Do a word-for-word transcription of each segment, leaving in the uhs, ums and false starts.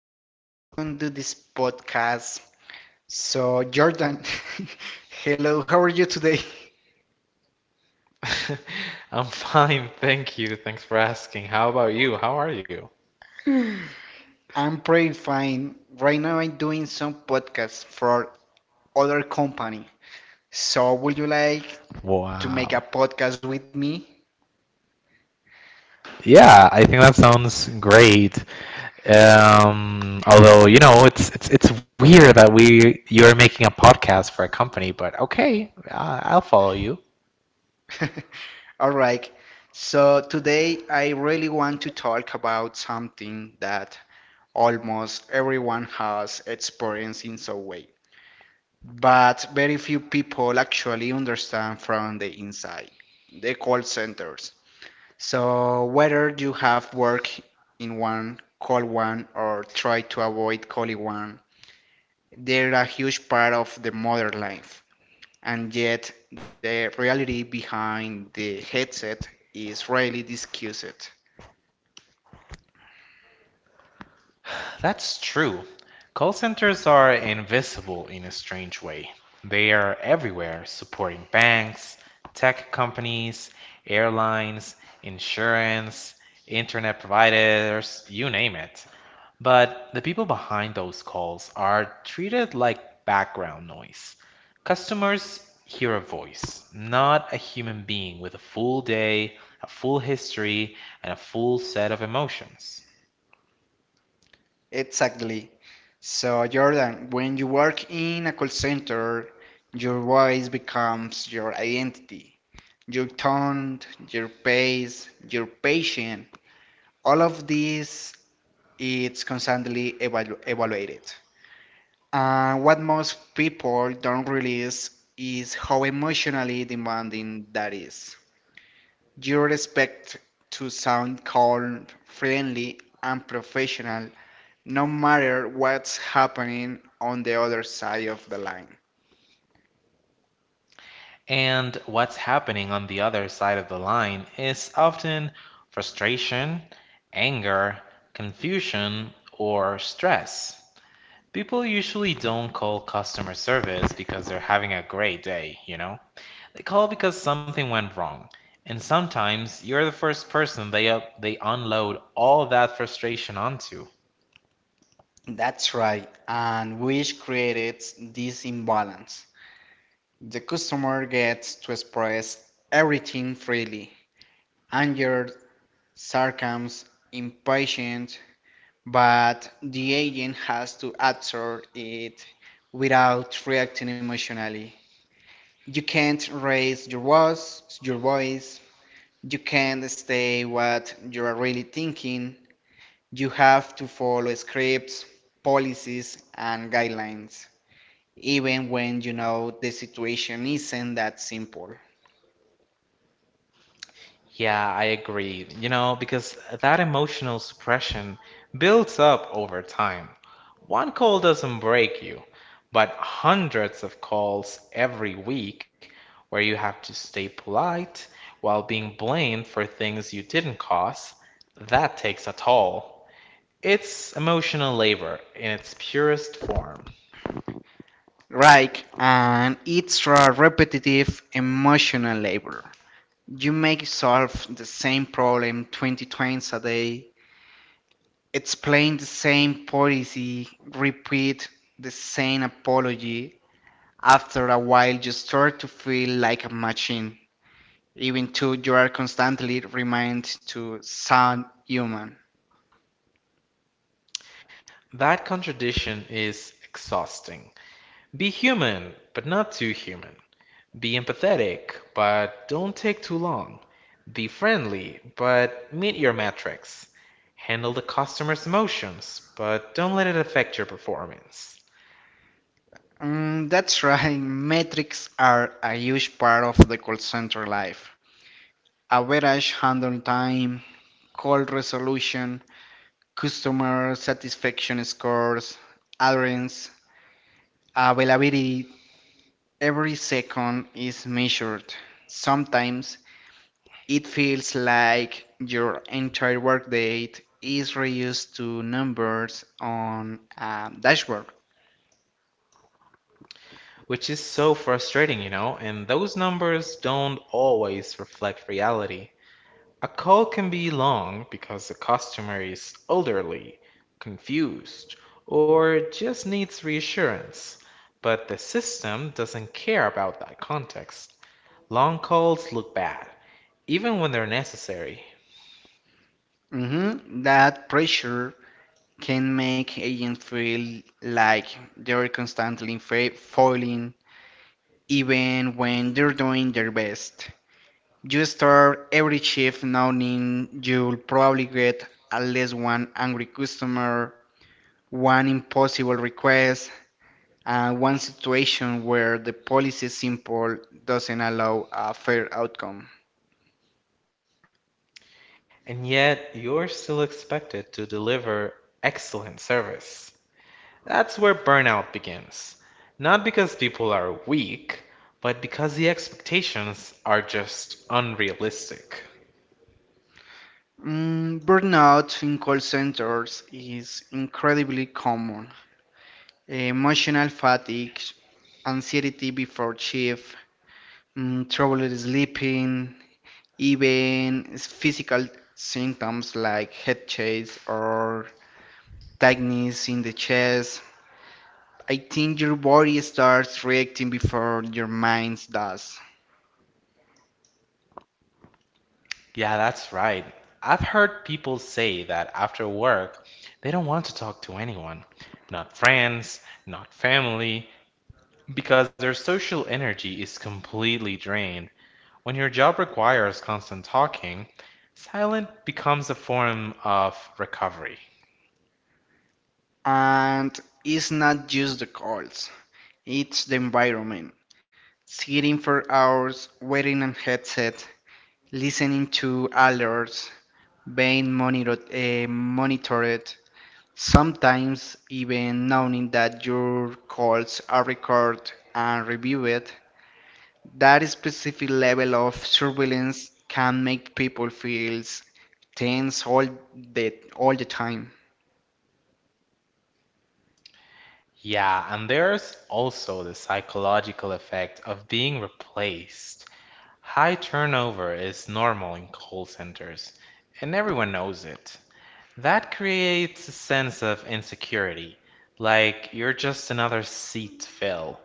Jose. Welcome to this podcast. So, Jordan, hello, how are you today? I'm fine, thank you. Thanks for asking. How about you? How are you? I'm pretty fine. Right now, I'm doing some podcasts for other company. So, would you like to make a Wow. podcast with me? Yeah, I think that sounds great. Um, although, you know, it's it's it's weird that we you're making a podcast for a company, but okay, I- I'll follow you. All right. So, today I really want to talk about something that almost everyone has experienced in some way, but very few people actually understand from the inside: the call centers. So whether you have worked in one, call one, or try to avoid calling one, they're a huge part of the modern life. And yet, the reality behind the headset is rarely discussed. That's true. Call centers are invisible in a strange way. They are everywhere, supporting banks, tech companies, airlines, insurance, internet providers, you name it. But the people behind those calls are treated like background noise. Customers hear a voice, not a human being with a full day, a full history, and a full set of emotions. Exactly. So, Jordan, when you work in a call center, your voice becomes your identity. Your tone, your pace, your patience, all of this it's constantly evalu- evaluated. And uh, what most people don't realize is how emotionally demanding that is. You expect to sound calm, friendly, and professional no matter what's happening on the other side of the line. And what's happening on the other side of the line is often frustration, anger, confusion, or stress. People usually don't call customer service because they're having a great day, you know? They call because something went wrong. And sometimes you're the first person they, uh, they unload all that frustration onto. That's right, and which creates this imbalance. The customer gets to express everything freely: anger, sarcasm, impatience, but the agent has to absorb it without reacting emotionally. You can't raise your voice, your voice. You can't say what you are really thinking. You have to follow scripts, policies, and guidelines, even when you know the situation isn't that simple. Yeah, I agree. You know, because that emotional suppression builds up over time. One call doesn't break you, but hundreds of calls every week where you have to stay polite while being blamed for things you didn't cause, that takes a toll. It's emotional labor in its purest form. Right, and it's a repetitive emotional labor. You may solve the same problem twenty times a day, explain the same policy, repeat the same apology. After a while, you start to feel like a machine, even though you are constantly reminded to sound human. That contradiction is exhausting. Be human, but not too human. Be empathetic, but don't take too long. Be friendly, but meet your metrics. Handle the customer's emotions, but don't let it affect your performance. Mm, that's right, metrics are a huge part of the call center life. Average handle time, call resolution, customer satisfaction scores, adherence, availability, every second is measured. Sometimes it feels like your entire workday is reduced to numbers on a dashboard. Which is so frustrating, you know, and those numbers don't always reflect reality. A call can be long because the customer is elderly, confused, or just needs reassurance, but the system doesn't care about that context. Long calls look bad, even when they're necessary. Mhm. That pressure can make agents feel like they're constantly fa- failing even when they're doing their best. You start every shift knowing you'll probably get at least one angry customer, one impossible request, and one situation where the policy simple doesn't allow a fair outcome. And yet, you're still expected to deliver excellent service. That's where burnout begins. Not because people are weak, but because the expectations are just unrealistic. Mm, burnout in call centers is incredibly common. Emotional fatigue, anxiety before shift, mm, trouble sleeping, even physical symptoms like head chase or tightness in the chest. I think your body starts reacting before your mind does. Yeah, that's right. I've heard people say that after work, they don't want to talk to anyone. Not friends, not family, because their social energy is completely drained. When your job requires constant talking, silent becomes a form of recovery. And it's not just the colds, it's the environment. Sitting for hours, wearing a headset, listening to alerts, being monitored, uh, monitored Sometimes even knowing that your calls are recorded and reviewed, that specific level of surveillance can make people feel tense all the all the time. Yeah, and there's also the psychological effect of being replaced. High turnover is normal in call centers, and everyone knows it. That creates a sense of insecurity, like you're just another seat to fill.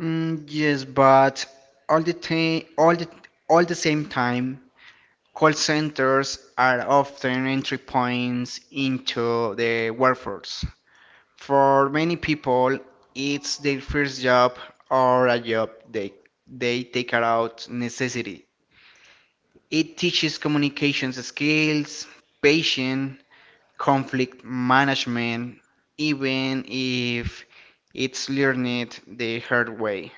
Mm, yes, but all the time, all the all the same time, call centers are often entry points into the workforce. For many people, it's their first job or a job they, they take out necessity. It teaches communications skills, patience, conflict management, even if it's learned the hard way.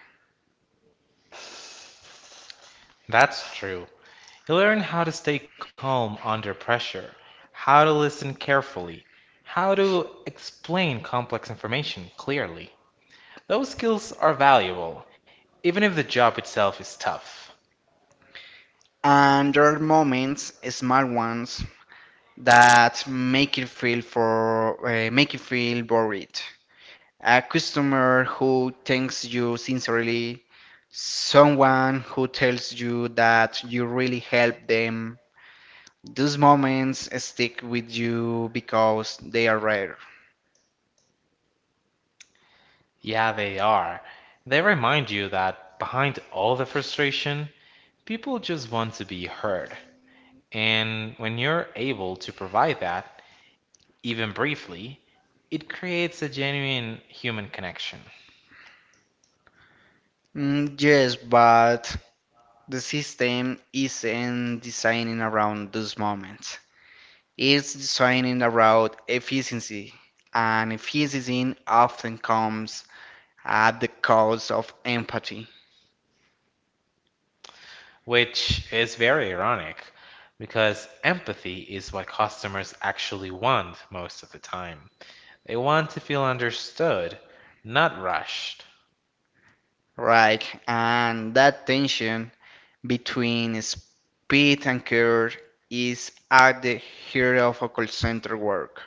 That's true. You learn how to stay calm under pressure, how to listen carefully, how to explain complex information clearly. Those skills are valuable, even if the job itself is tough. And there are moments, small ones, that make it feel for uh, make it feel worried. A customer who thanks you sincerely, someone who tells you that you really helped them. Those moments stick with you because they are rare. Yeah, they are. They remind you that behind all the frustration, people just want to be heard. And when you're able to provide that, even briefly, it creates a genuine human connection. Mm, yes, but the system isn't designing around those moments. It's designing around efficiency, and efficiency often comes at the cost of empathy. Which is very ironic because empathy is what customers actually want most of the time. They want to feel understood, not rushed. Right, and that tension between speed and care is at the heart of a call center work.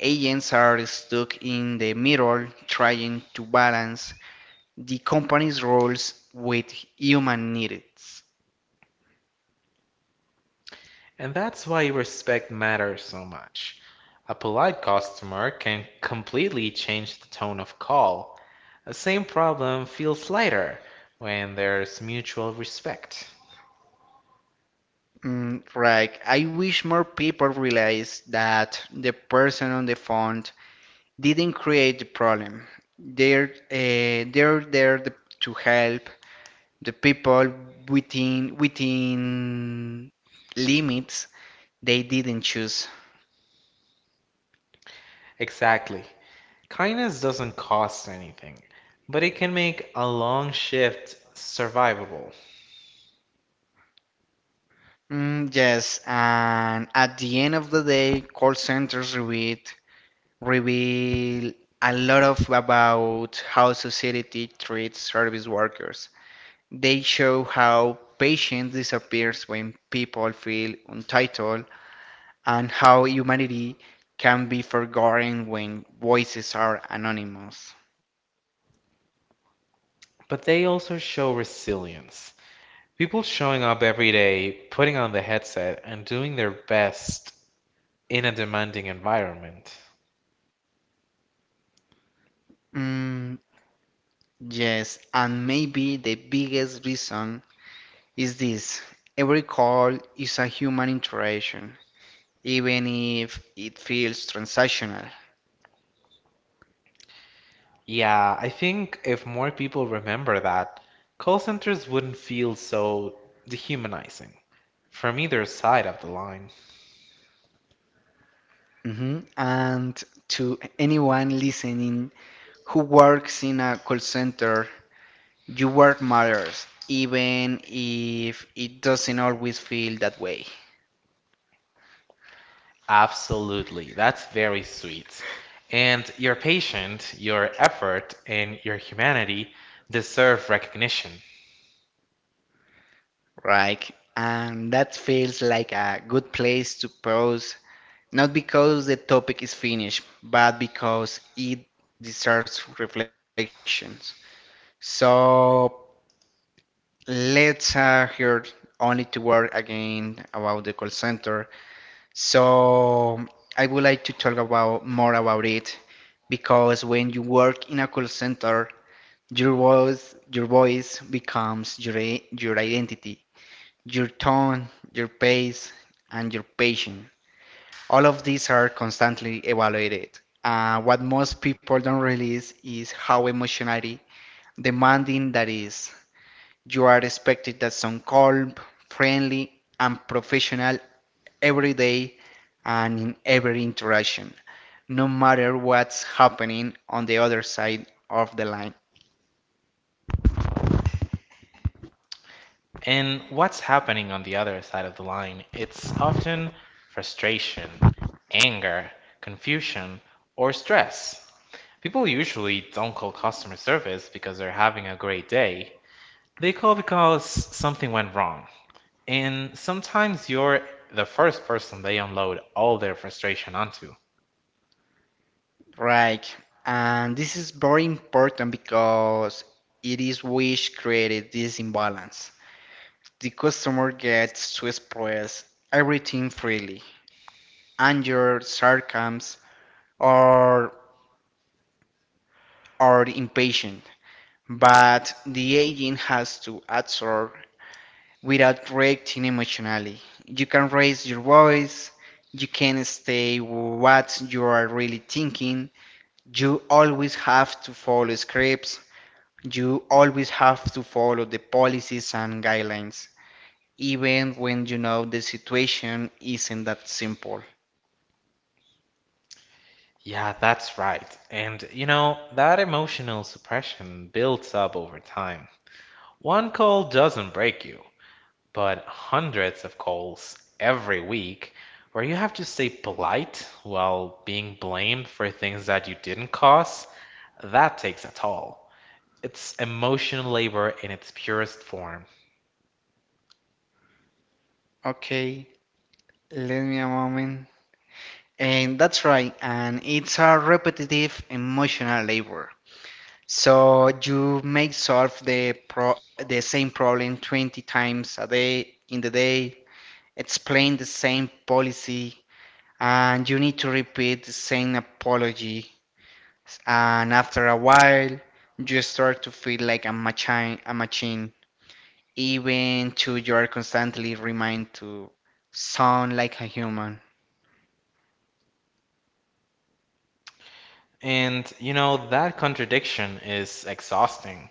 Agents are stuck in the middle trying to balance the company's roles with human needs. And that's why respect matters so much. A polite customer can completely change the tone of call. The same problem feels lighter when there's mutual respect. Mm, right. I wish more people realize that the person on the phone didn't create the problem. They're uh, they're there to help the people within within limits they didn't choose. Exactly. Kindness doesn't cost anything, but it can make a long shift survivable. Mm, yes, and at the end of the day, call centers reveal reveal a lot of about how society treats service workers. They show how patience disappears when people feel entitled, and how humanity can be forgotten when voices are anonymous. But they also show resilience. People showing up every day, putting on the headset, and doing their best in a demanding environment. Mm, yes, and maybe the biggest reason is this: every call is a human interaction, even if it feels transactional. Yeah, I think if more people remember that, call centers wouldn't feel so dehumanizing from either side of the line. Mhm. And to anyone listening who works in a call center, your work matters, even if it doesn't always feel that way, Absolutely, that's very sweet. And your patient, your effort, and your humanity deserve recognition. right? And that feels like a good place to pause, not because the topic is finished, but because it deserves reflections. So, Let's uh, hear only to work again about the call center. So I would like to talk about more about it because when you work in a call center, your voice your voice becomes your your identity, your tone, your pace, and your patience. All of these are constantly evaluated. Uh, what most people don't realize is how emotionally demanding that is. You are expected that some calm, friendly, and professional every day and in every interaction, no matter what's happening on the other side of the line. And what's happening on the other side of the line? It's often frustration, anger, confusion, or stress. People usually don't call customer service because they're having a great day. They call because something went wrong. And sometimes you're the first person they unload all their frustration onto. Right. And this is very important because it is which created this imbalance. The customer gets to express everything freely, anger, sarcasm, or or impatient, but the agent has to absorb without reacting emotionally. You can raise your voice, you can say what you are really thinking, you always have to follow scripts, you always have to follow the policies and guidelines, even when you know the situation isn't that simple. Yeah, that's right. And you know, that emotional suppression builds up over time. One call doesn't break you, but hundreds of calls every week where you have to stay polite while being blamed for things that you didn't cause, that takes a toll. It's emotional labor in its purest form. Okay, let me a moment. And that's right, and it's a repetitive emotional labor. So you may solve the pro the same problem twenty times a day in the day, explain the same policy, and you need to repeat the same apology. And after a while, you start to feel like a machine, a machine, even to you are constantly reminded to sound like a human. And, you know, that contradiction is exhausting.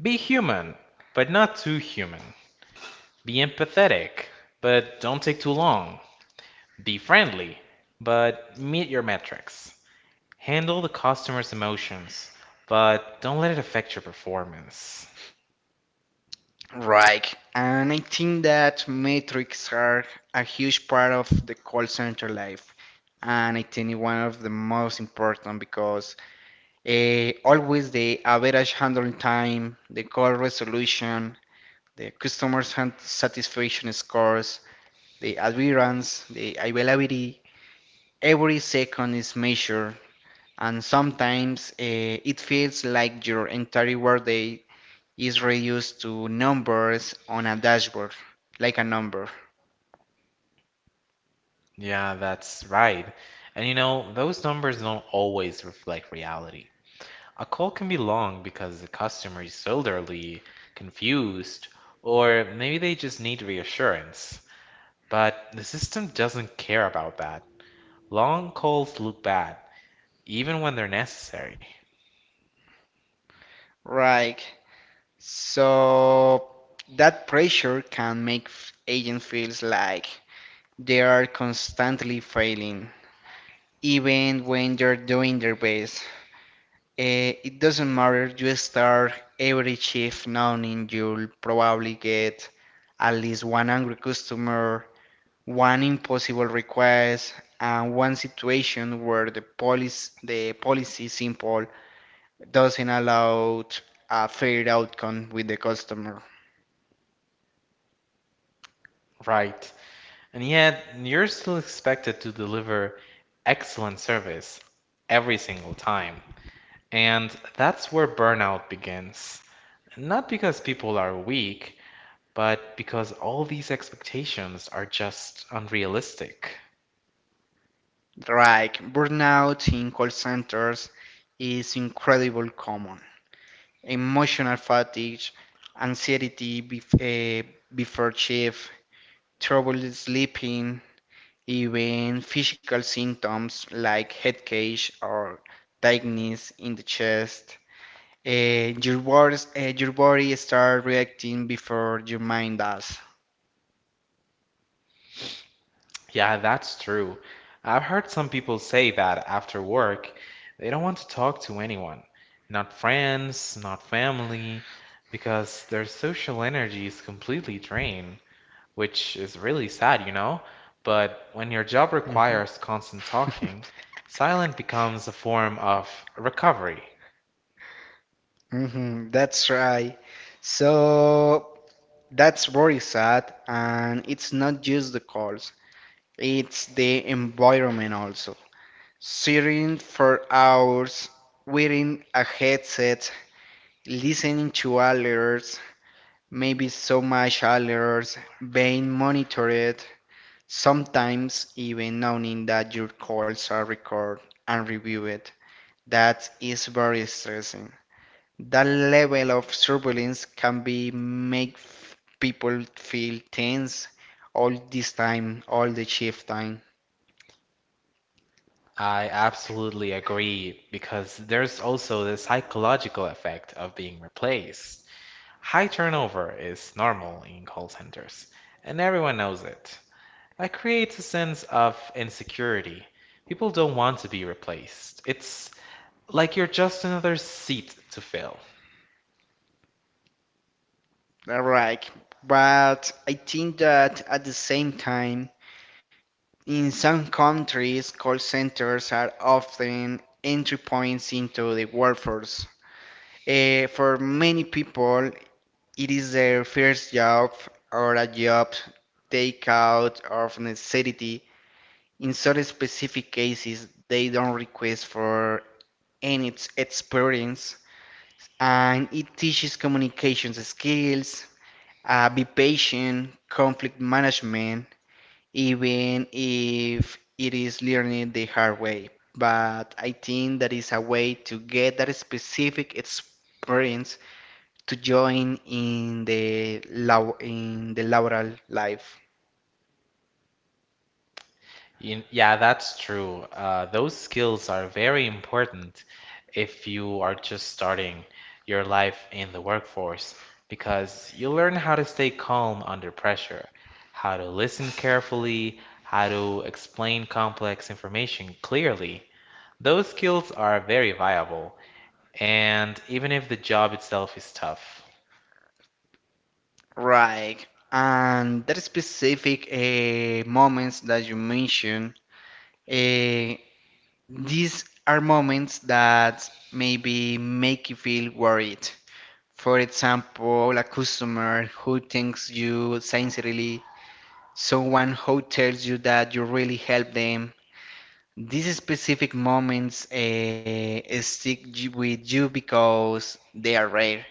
Be human, but not too human. Be empathetic, but don't take too long. Be friendly, but meet your metrics. Handle the customer's emotions, but don't let it affect your performance. Right. And I think that metrics are a huge part of the call center life. And I think one of the most important because uh, always the average handling time, the call resolution, the customer san- satisfaction scores, the adherence, the availability, every second is measured. And sometimes uh, it feels like your entire workday is reduced to numbers on a dashboard, like a number. Yeah, that's right. And you know, those numbers don't always reflect reality. A call can be long because the customer is elderly, confused, or maybe they just need reassurance. But the system doesn't care about that. Long calls look bad, even when they're necessary. Right. So that pressure can make f- agent feels like they are constantly failing, even when they're doing their best. Eh, it doesn't matter. You start every shift knowing you'll probably get at least one angry customer, one impossible request, and one situation where the police the policy simple doesn't allow a fair outcome with the customer. Right. And yet, you're still expected to deliver excellent service every single time. And that's where burnout begins. Not because people are weak, but because all these expectations are just unrealistic. Like burnout in call centers is incredibly common. Emotional fatigue, anxiety bef- uh, before shift, trouble sleeping, even physical symptoms like head cage or tightness in the chest. Uh, your words, uh, your body start reacting before your mind does. Yeah, that's true. I've heard some people say that after work, they don't want to talk to anyone, not friends, not family, because their social energy is completely drained, which is really sad, you know. But when your job Mhm. requires constant talking, silent becomes a form of recovery. Mhm, that's right. So that's very sad, and it's not just the calls, it's the environment also. Sitting for hours, wearing a headset, listening to alerts, maybe so much alerts, being monitored, sometimes even knowing that your calls are recorded and reviewed, that is very stressing. That level of surveillance can be make people feel tense all this time, all the shift time. I absolutely agree because there's also the psychological effect of being replaced. High turnover is normal in call centers, and everyone knows it. It creates a sense of insecurity. People don't want to be replaced. It's like you're just another seat to fill. Right. But I think that at the same time, in some countries, call centers are often entry points into the workforce. Eh, for many people, it is their first job or a job they out of necessity. In such specific cases, they don't request for any experience, and it teaches communication skills, uh, be patient, conflict management, even if it is learning the hard way. But I think that is a way to get that specific experience to join in the law in the laboral life. You, yeah, that's true. Uh, those skills are very important if you are just starting your life in the workforce because you learn how to stay calm under pressure, how to listen carefully, how to explain complex information clearly. Those skills are very viable, and even if the job itself is tough. Right. And that specific uh, moments that you mentioned, uh, these are moments that maybe make you feel worried. For example, a customer who thanks you sincerely, someone who tells you that you really helped them. These specific moments uh, stick with you because they are rare,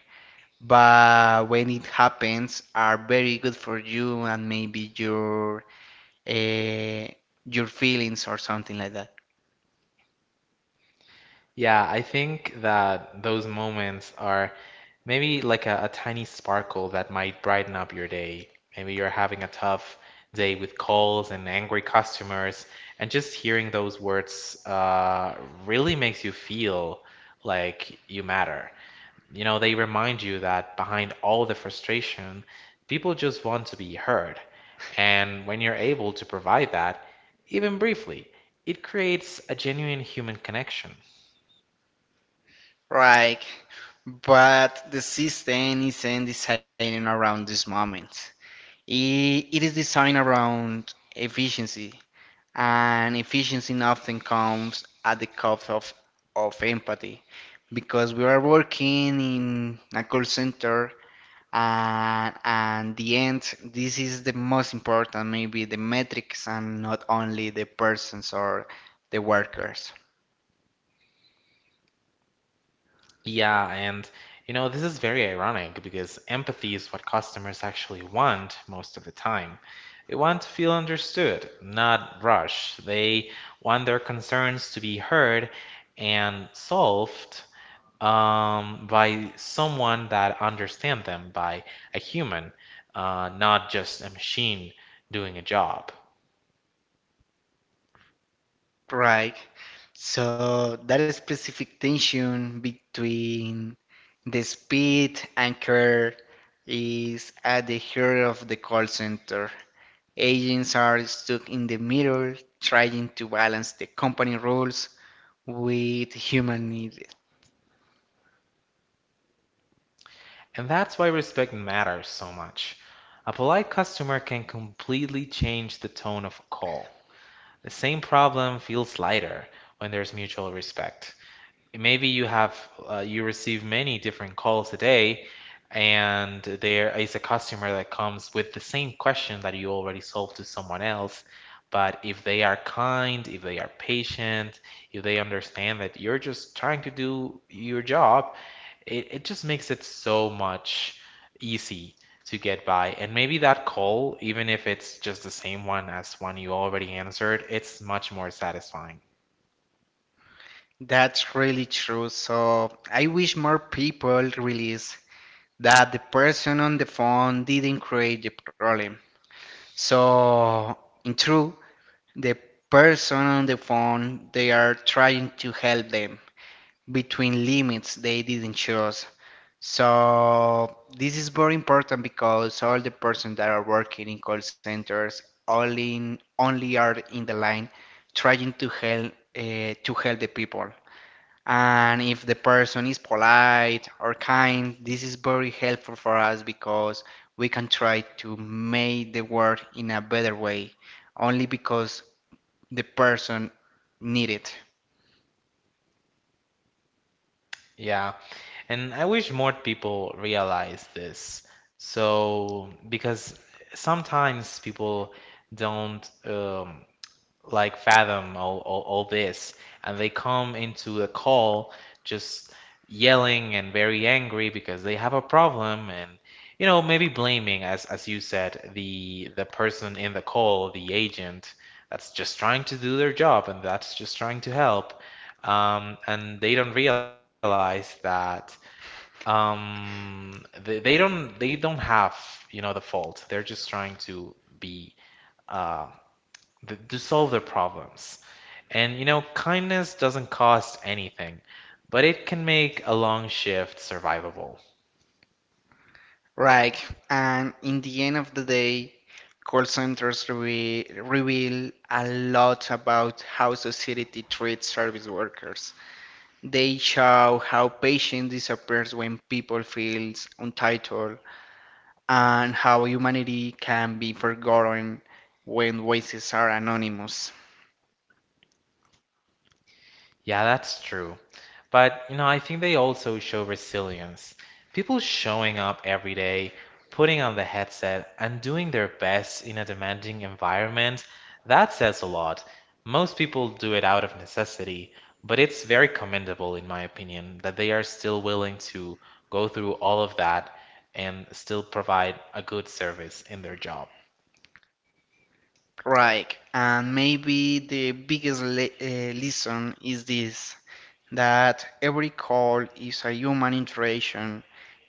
but when it happens are very good for you and maybe your uh, your feelings or something like that. Yeah, I think that those moments are maybe like a, a tiny sparkle that might brighten up your day. Maybe you're having a tough day with calls and angry customers, and just hearing those words uh, really makes you feel like you matter. You know, they remind you that behind all the frustration, people just want to be heard. And when you're able to provide that, even briefly, it creates a genuine human connection. Right, but the system isn't designed around this moment. It, it is designed around efficiency, and efficiency often comes at the cost of, of empathy, because we are working in a call center, and and the end this is the most important maybe the metrics and not only the persons or the workers. Yeah, and you know, this is very ironic because empathy is what customers actually want most of the time. They want to feel understood, not rushed. They want their concerns to be heard and solved um, by someone that understands them, by a human, uh, not just a machine doing a job. Right, so that specific tension between the speed and care is at the heart of the call center. Agents are stuck in the middle trying to balance the company rules with human needs. And that's why respect matters so much. A polite customer can completely change the tone of a call. The same problem feels lighter when there's mutual respect. Maybe you have uh, you receive many different calls a day, and there is a customer that comes with the same question that you already solved to someone else. But if they are kind, if they are patient, if they understand that you're just trying to do your job, it, it just makes it so much easy to get by. And maybe that call, even if it's just the same one as one you already answered, it's much more satisfying. That's really true. So I wish more people realize that the person on the phone didn't create the problem. So in truth, the person on the phone, they are trying to help them between limits they didn't choose. So this is very important because all the persons that are working in call centers only only are in the line trying to help uh, to help the people, and if the person is polite or kind this is very helpful for us because we can try to make the world in a better way only because the person need it. Yeah, and I wish more people realize this. So, because sometimes people don't um, like fathom all, all, all this, and they come into a call just yelling and very angry because they have a problem. And you know, maybe blaming, as as you said, the the person in the call, the agent, that's just trying to do their job and that's just trying to help. Um, and they don't realize that um, they, they don't, they don't have, you know, the fault. They're just trying to be uh th to solve their problems. And you know, kindness doesn't cost anything, but it can make a long shift survivable. Right, and in the end of the day call centers re- reveal a lot about how society treats service workers. They show how patience disappears when people feel entitled, and how humanity can be forgotten when voices are anonymous. Yeah, that's true. But, you know, I think they also show resilience. People showing up every day, putting on the headset, and doing their best in a demanding environment, that says a lot. Most people do it out of necessity, but it's very commendable, in my opinion, that they are still willing to go through all of that and still provide a good service in their job. Right, and maybe the biggest le- uh, lesson is this, that every call is a human interaction,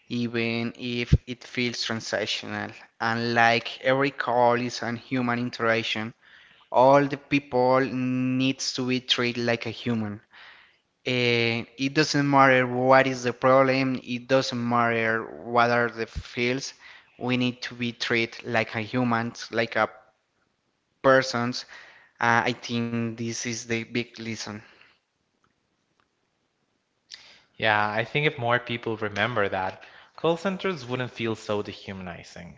even if it feels transactional. And like every call is a human interaction, all the people needs to be treated like a human. Eh, it doesn't matter what is the problem, it doesn't matter what are the fields. We need to be treated like a human, like a person. Uh, I think this is the big lesson, Yeah, I think if more people remember that, call centers wouldn't feel so dehumanizing,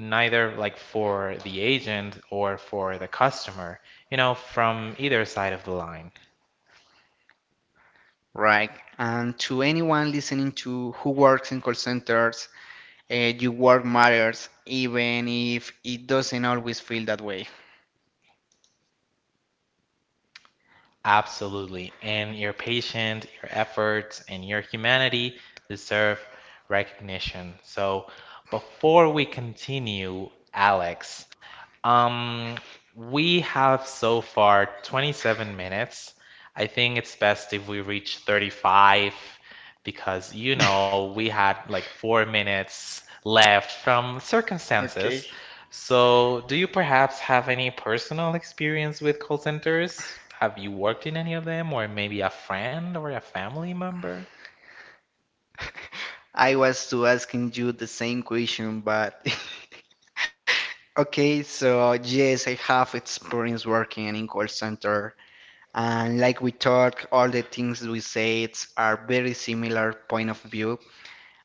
neither like for the agent or for the customer, you know, from either side of the line. right? And to anyone listening to who works in call centers, uh, your work matters, even if it doesn't always feel that way. Absolutely. And your patience, your efforts, and your humanity deserve recognition. So before we continue, Alex, um, we have so far twenty-seven minutes. I think it's best if we reach thirty-five because, you know, we had like four minutes left from Okay. circumstances. So, do you perhaps have any personal experience with call centers? Have you worked in any of them, or maybe a friend or a family member? I was to asking you the same question, but okay, so yes, I have experience working in call center, and like we talk, all the things we said are very similar point of view.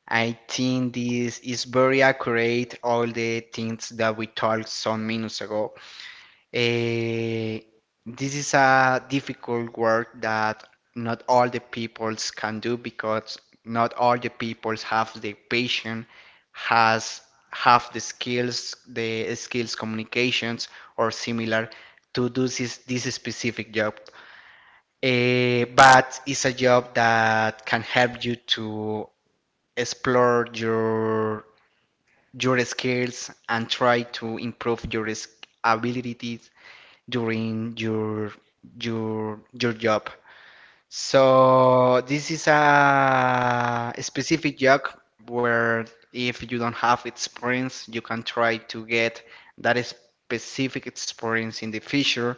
I think this is very accurate, all the things that we talked some minutes ago. Eh, this is a difficult work that not all the peoples can do because not all the peoples have the patience, has have the skills, the skills communications or similar to do this this specific job. Eh, but it's a job that can help you to explore your your skills and try to improve your abilities during your your your job. So this is a specific job where if you don't have experience, you can try to get that specific experience in the future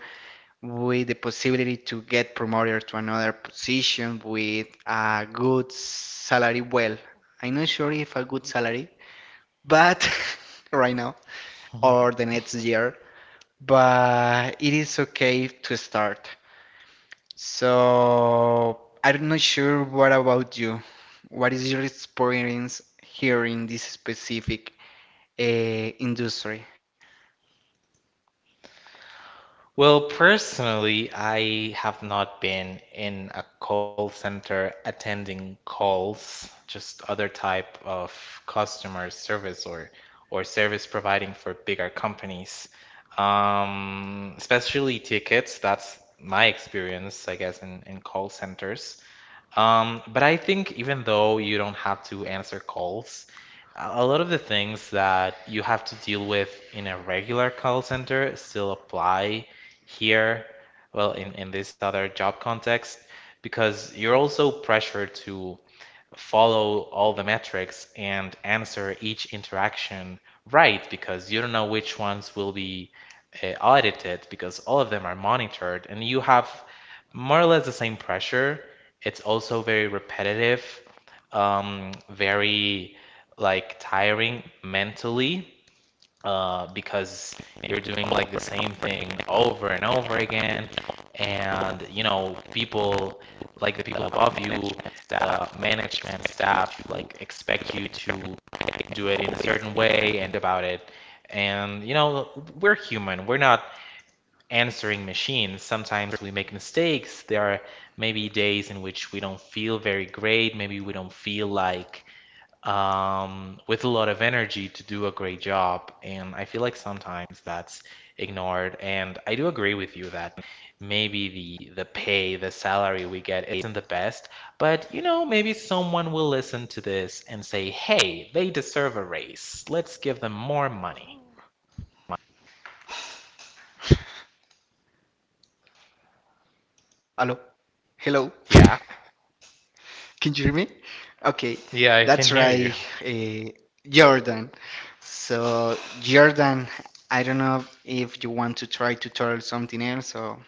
with the possibility to get promoted to another position with a good salary. Well, I'm not sure if a good salary, but right now or the next year, but it is okay to start. So I'm not sure what about you. What is your experience here in this specific uh, industry? Well, personally, I have not been in a call center attending calls, just other type of customer service or or service providing for bigger companies. Um, especially tickets, that's my experience, I guess, in, in call centers. Um, but I think even though you don't have to answer calls, a lot of the things that you have to deal with in a regular call center still apply here, well, in, in this other job context, because you're also pressured to follow all the metrics and answer each interaction right, because you don't know which ones will be uh, audited, because all of them are monitored, and you have more or less the same pressure. It's also very repetitive, um, very like tiring mentally, uh, because you're doing like the same thing over and over again. And you know, people, like the people above you, the management staff, like expect you to do it in a certain way and about it. And you know, we're human. We're not answering machines. Sometimes we make mistakes. There are maybe days in which we don't feel very great. Maybe we don't feel like, um, with a lot of energy to do a great job. And I feel like sometimes that's ignored. And I do agree with you that maybe the the pay, the salary we get isn't the best, but you know, maybe someone will listen to this and say, "Hey, they deserve a raise. Let's give them more money." Hello? Hello? Yeah. Can you hear me? Okay, Yeah, I can that's hear you. right, uh, Jordan. So Jordan, I don't know if you want to try to tell something else, so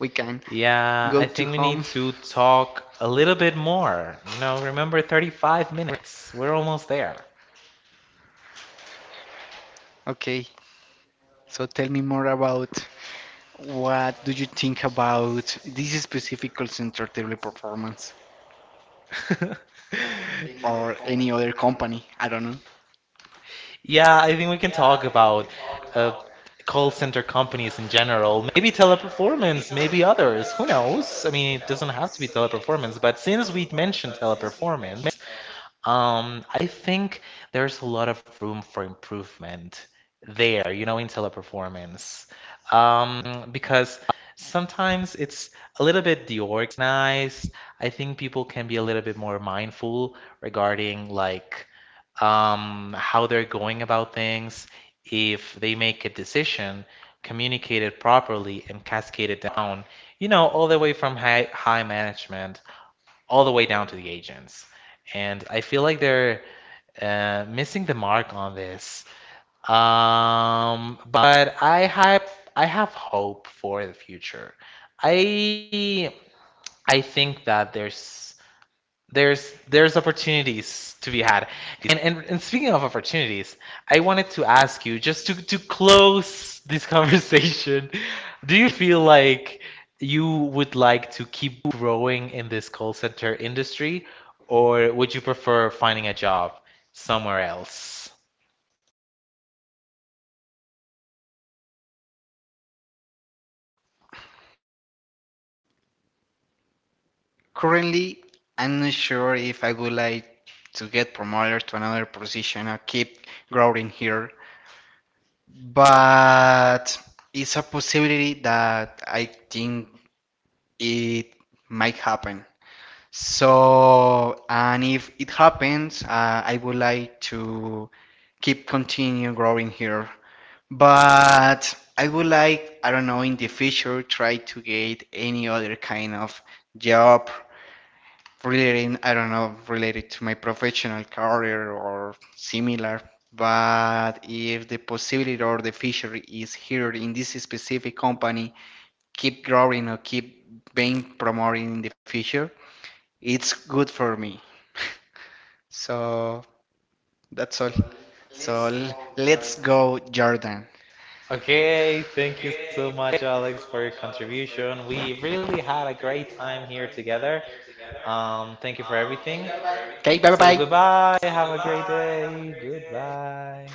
we can Yeah, go I to think we need home. to talk a little bit more. You know, remember thirty-five minutes. We're almost there. Okay, so tell me more about. What do you think about this specific call center table performance or any other company? I don't know. Yeah, I think we can talk about uh, call center companies in general. Maybe teleperformance, maybe others. Who knows? I mean, it doesn't have to be teleperformance, but since we mentioned teleperformance, Um, I think there's a lot of room for improvement there, you know, in teleperformance. Um, because sometimes it's a little bit deorganized. I think people can be a little bit more mindful regarding like, um, how they're going about things. If they make a decision, communicate it properly and cascade it down, you know, all the way from high high management all the way down to the agents. And I feel like they're uh, missing the mark on this. Um, but I have, I have hope for the future. I I think that there's there's there's opportunities to be had. And, and and speaking of opportunities, I wanted to ask you just to to close this conversation, do you feel like you would like to keep growing in this call center industry, or would you prefer finding a job somewhere else? Currently, I'm not sure if I would like to get promoted to another position or keep growing here, but it's a possibility that I think it might happen. So, and if it happens, uh, I would like to keep continue growing here. But I would like, I don't know, in the future, try to get any other kind of job relating, I don't know, related to my professional career or similar. But if the possibility or the future is here in this specific company, keep growing or keep being promoted in the future, it's good for me. So that's all. So l- let's go, Jordan. Okay, thank you so much, Alex, for your contribution. We really had a great time here together. Um, thank you for Um, everything. thank you for everything. Okay, bye So bye bye. goodbye. Have a great day. Goodbye.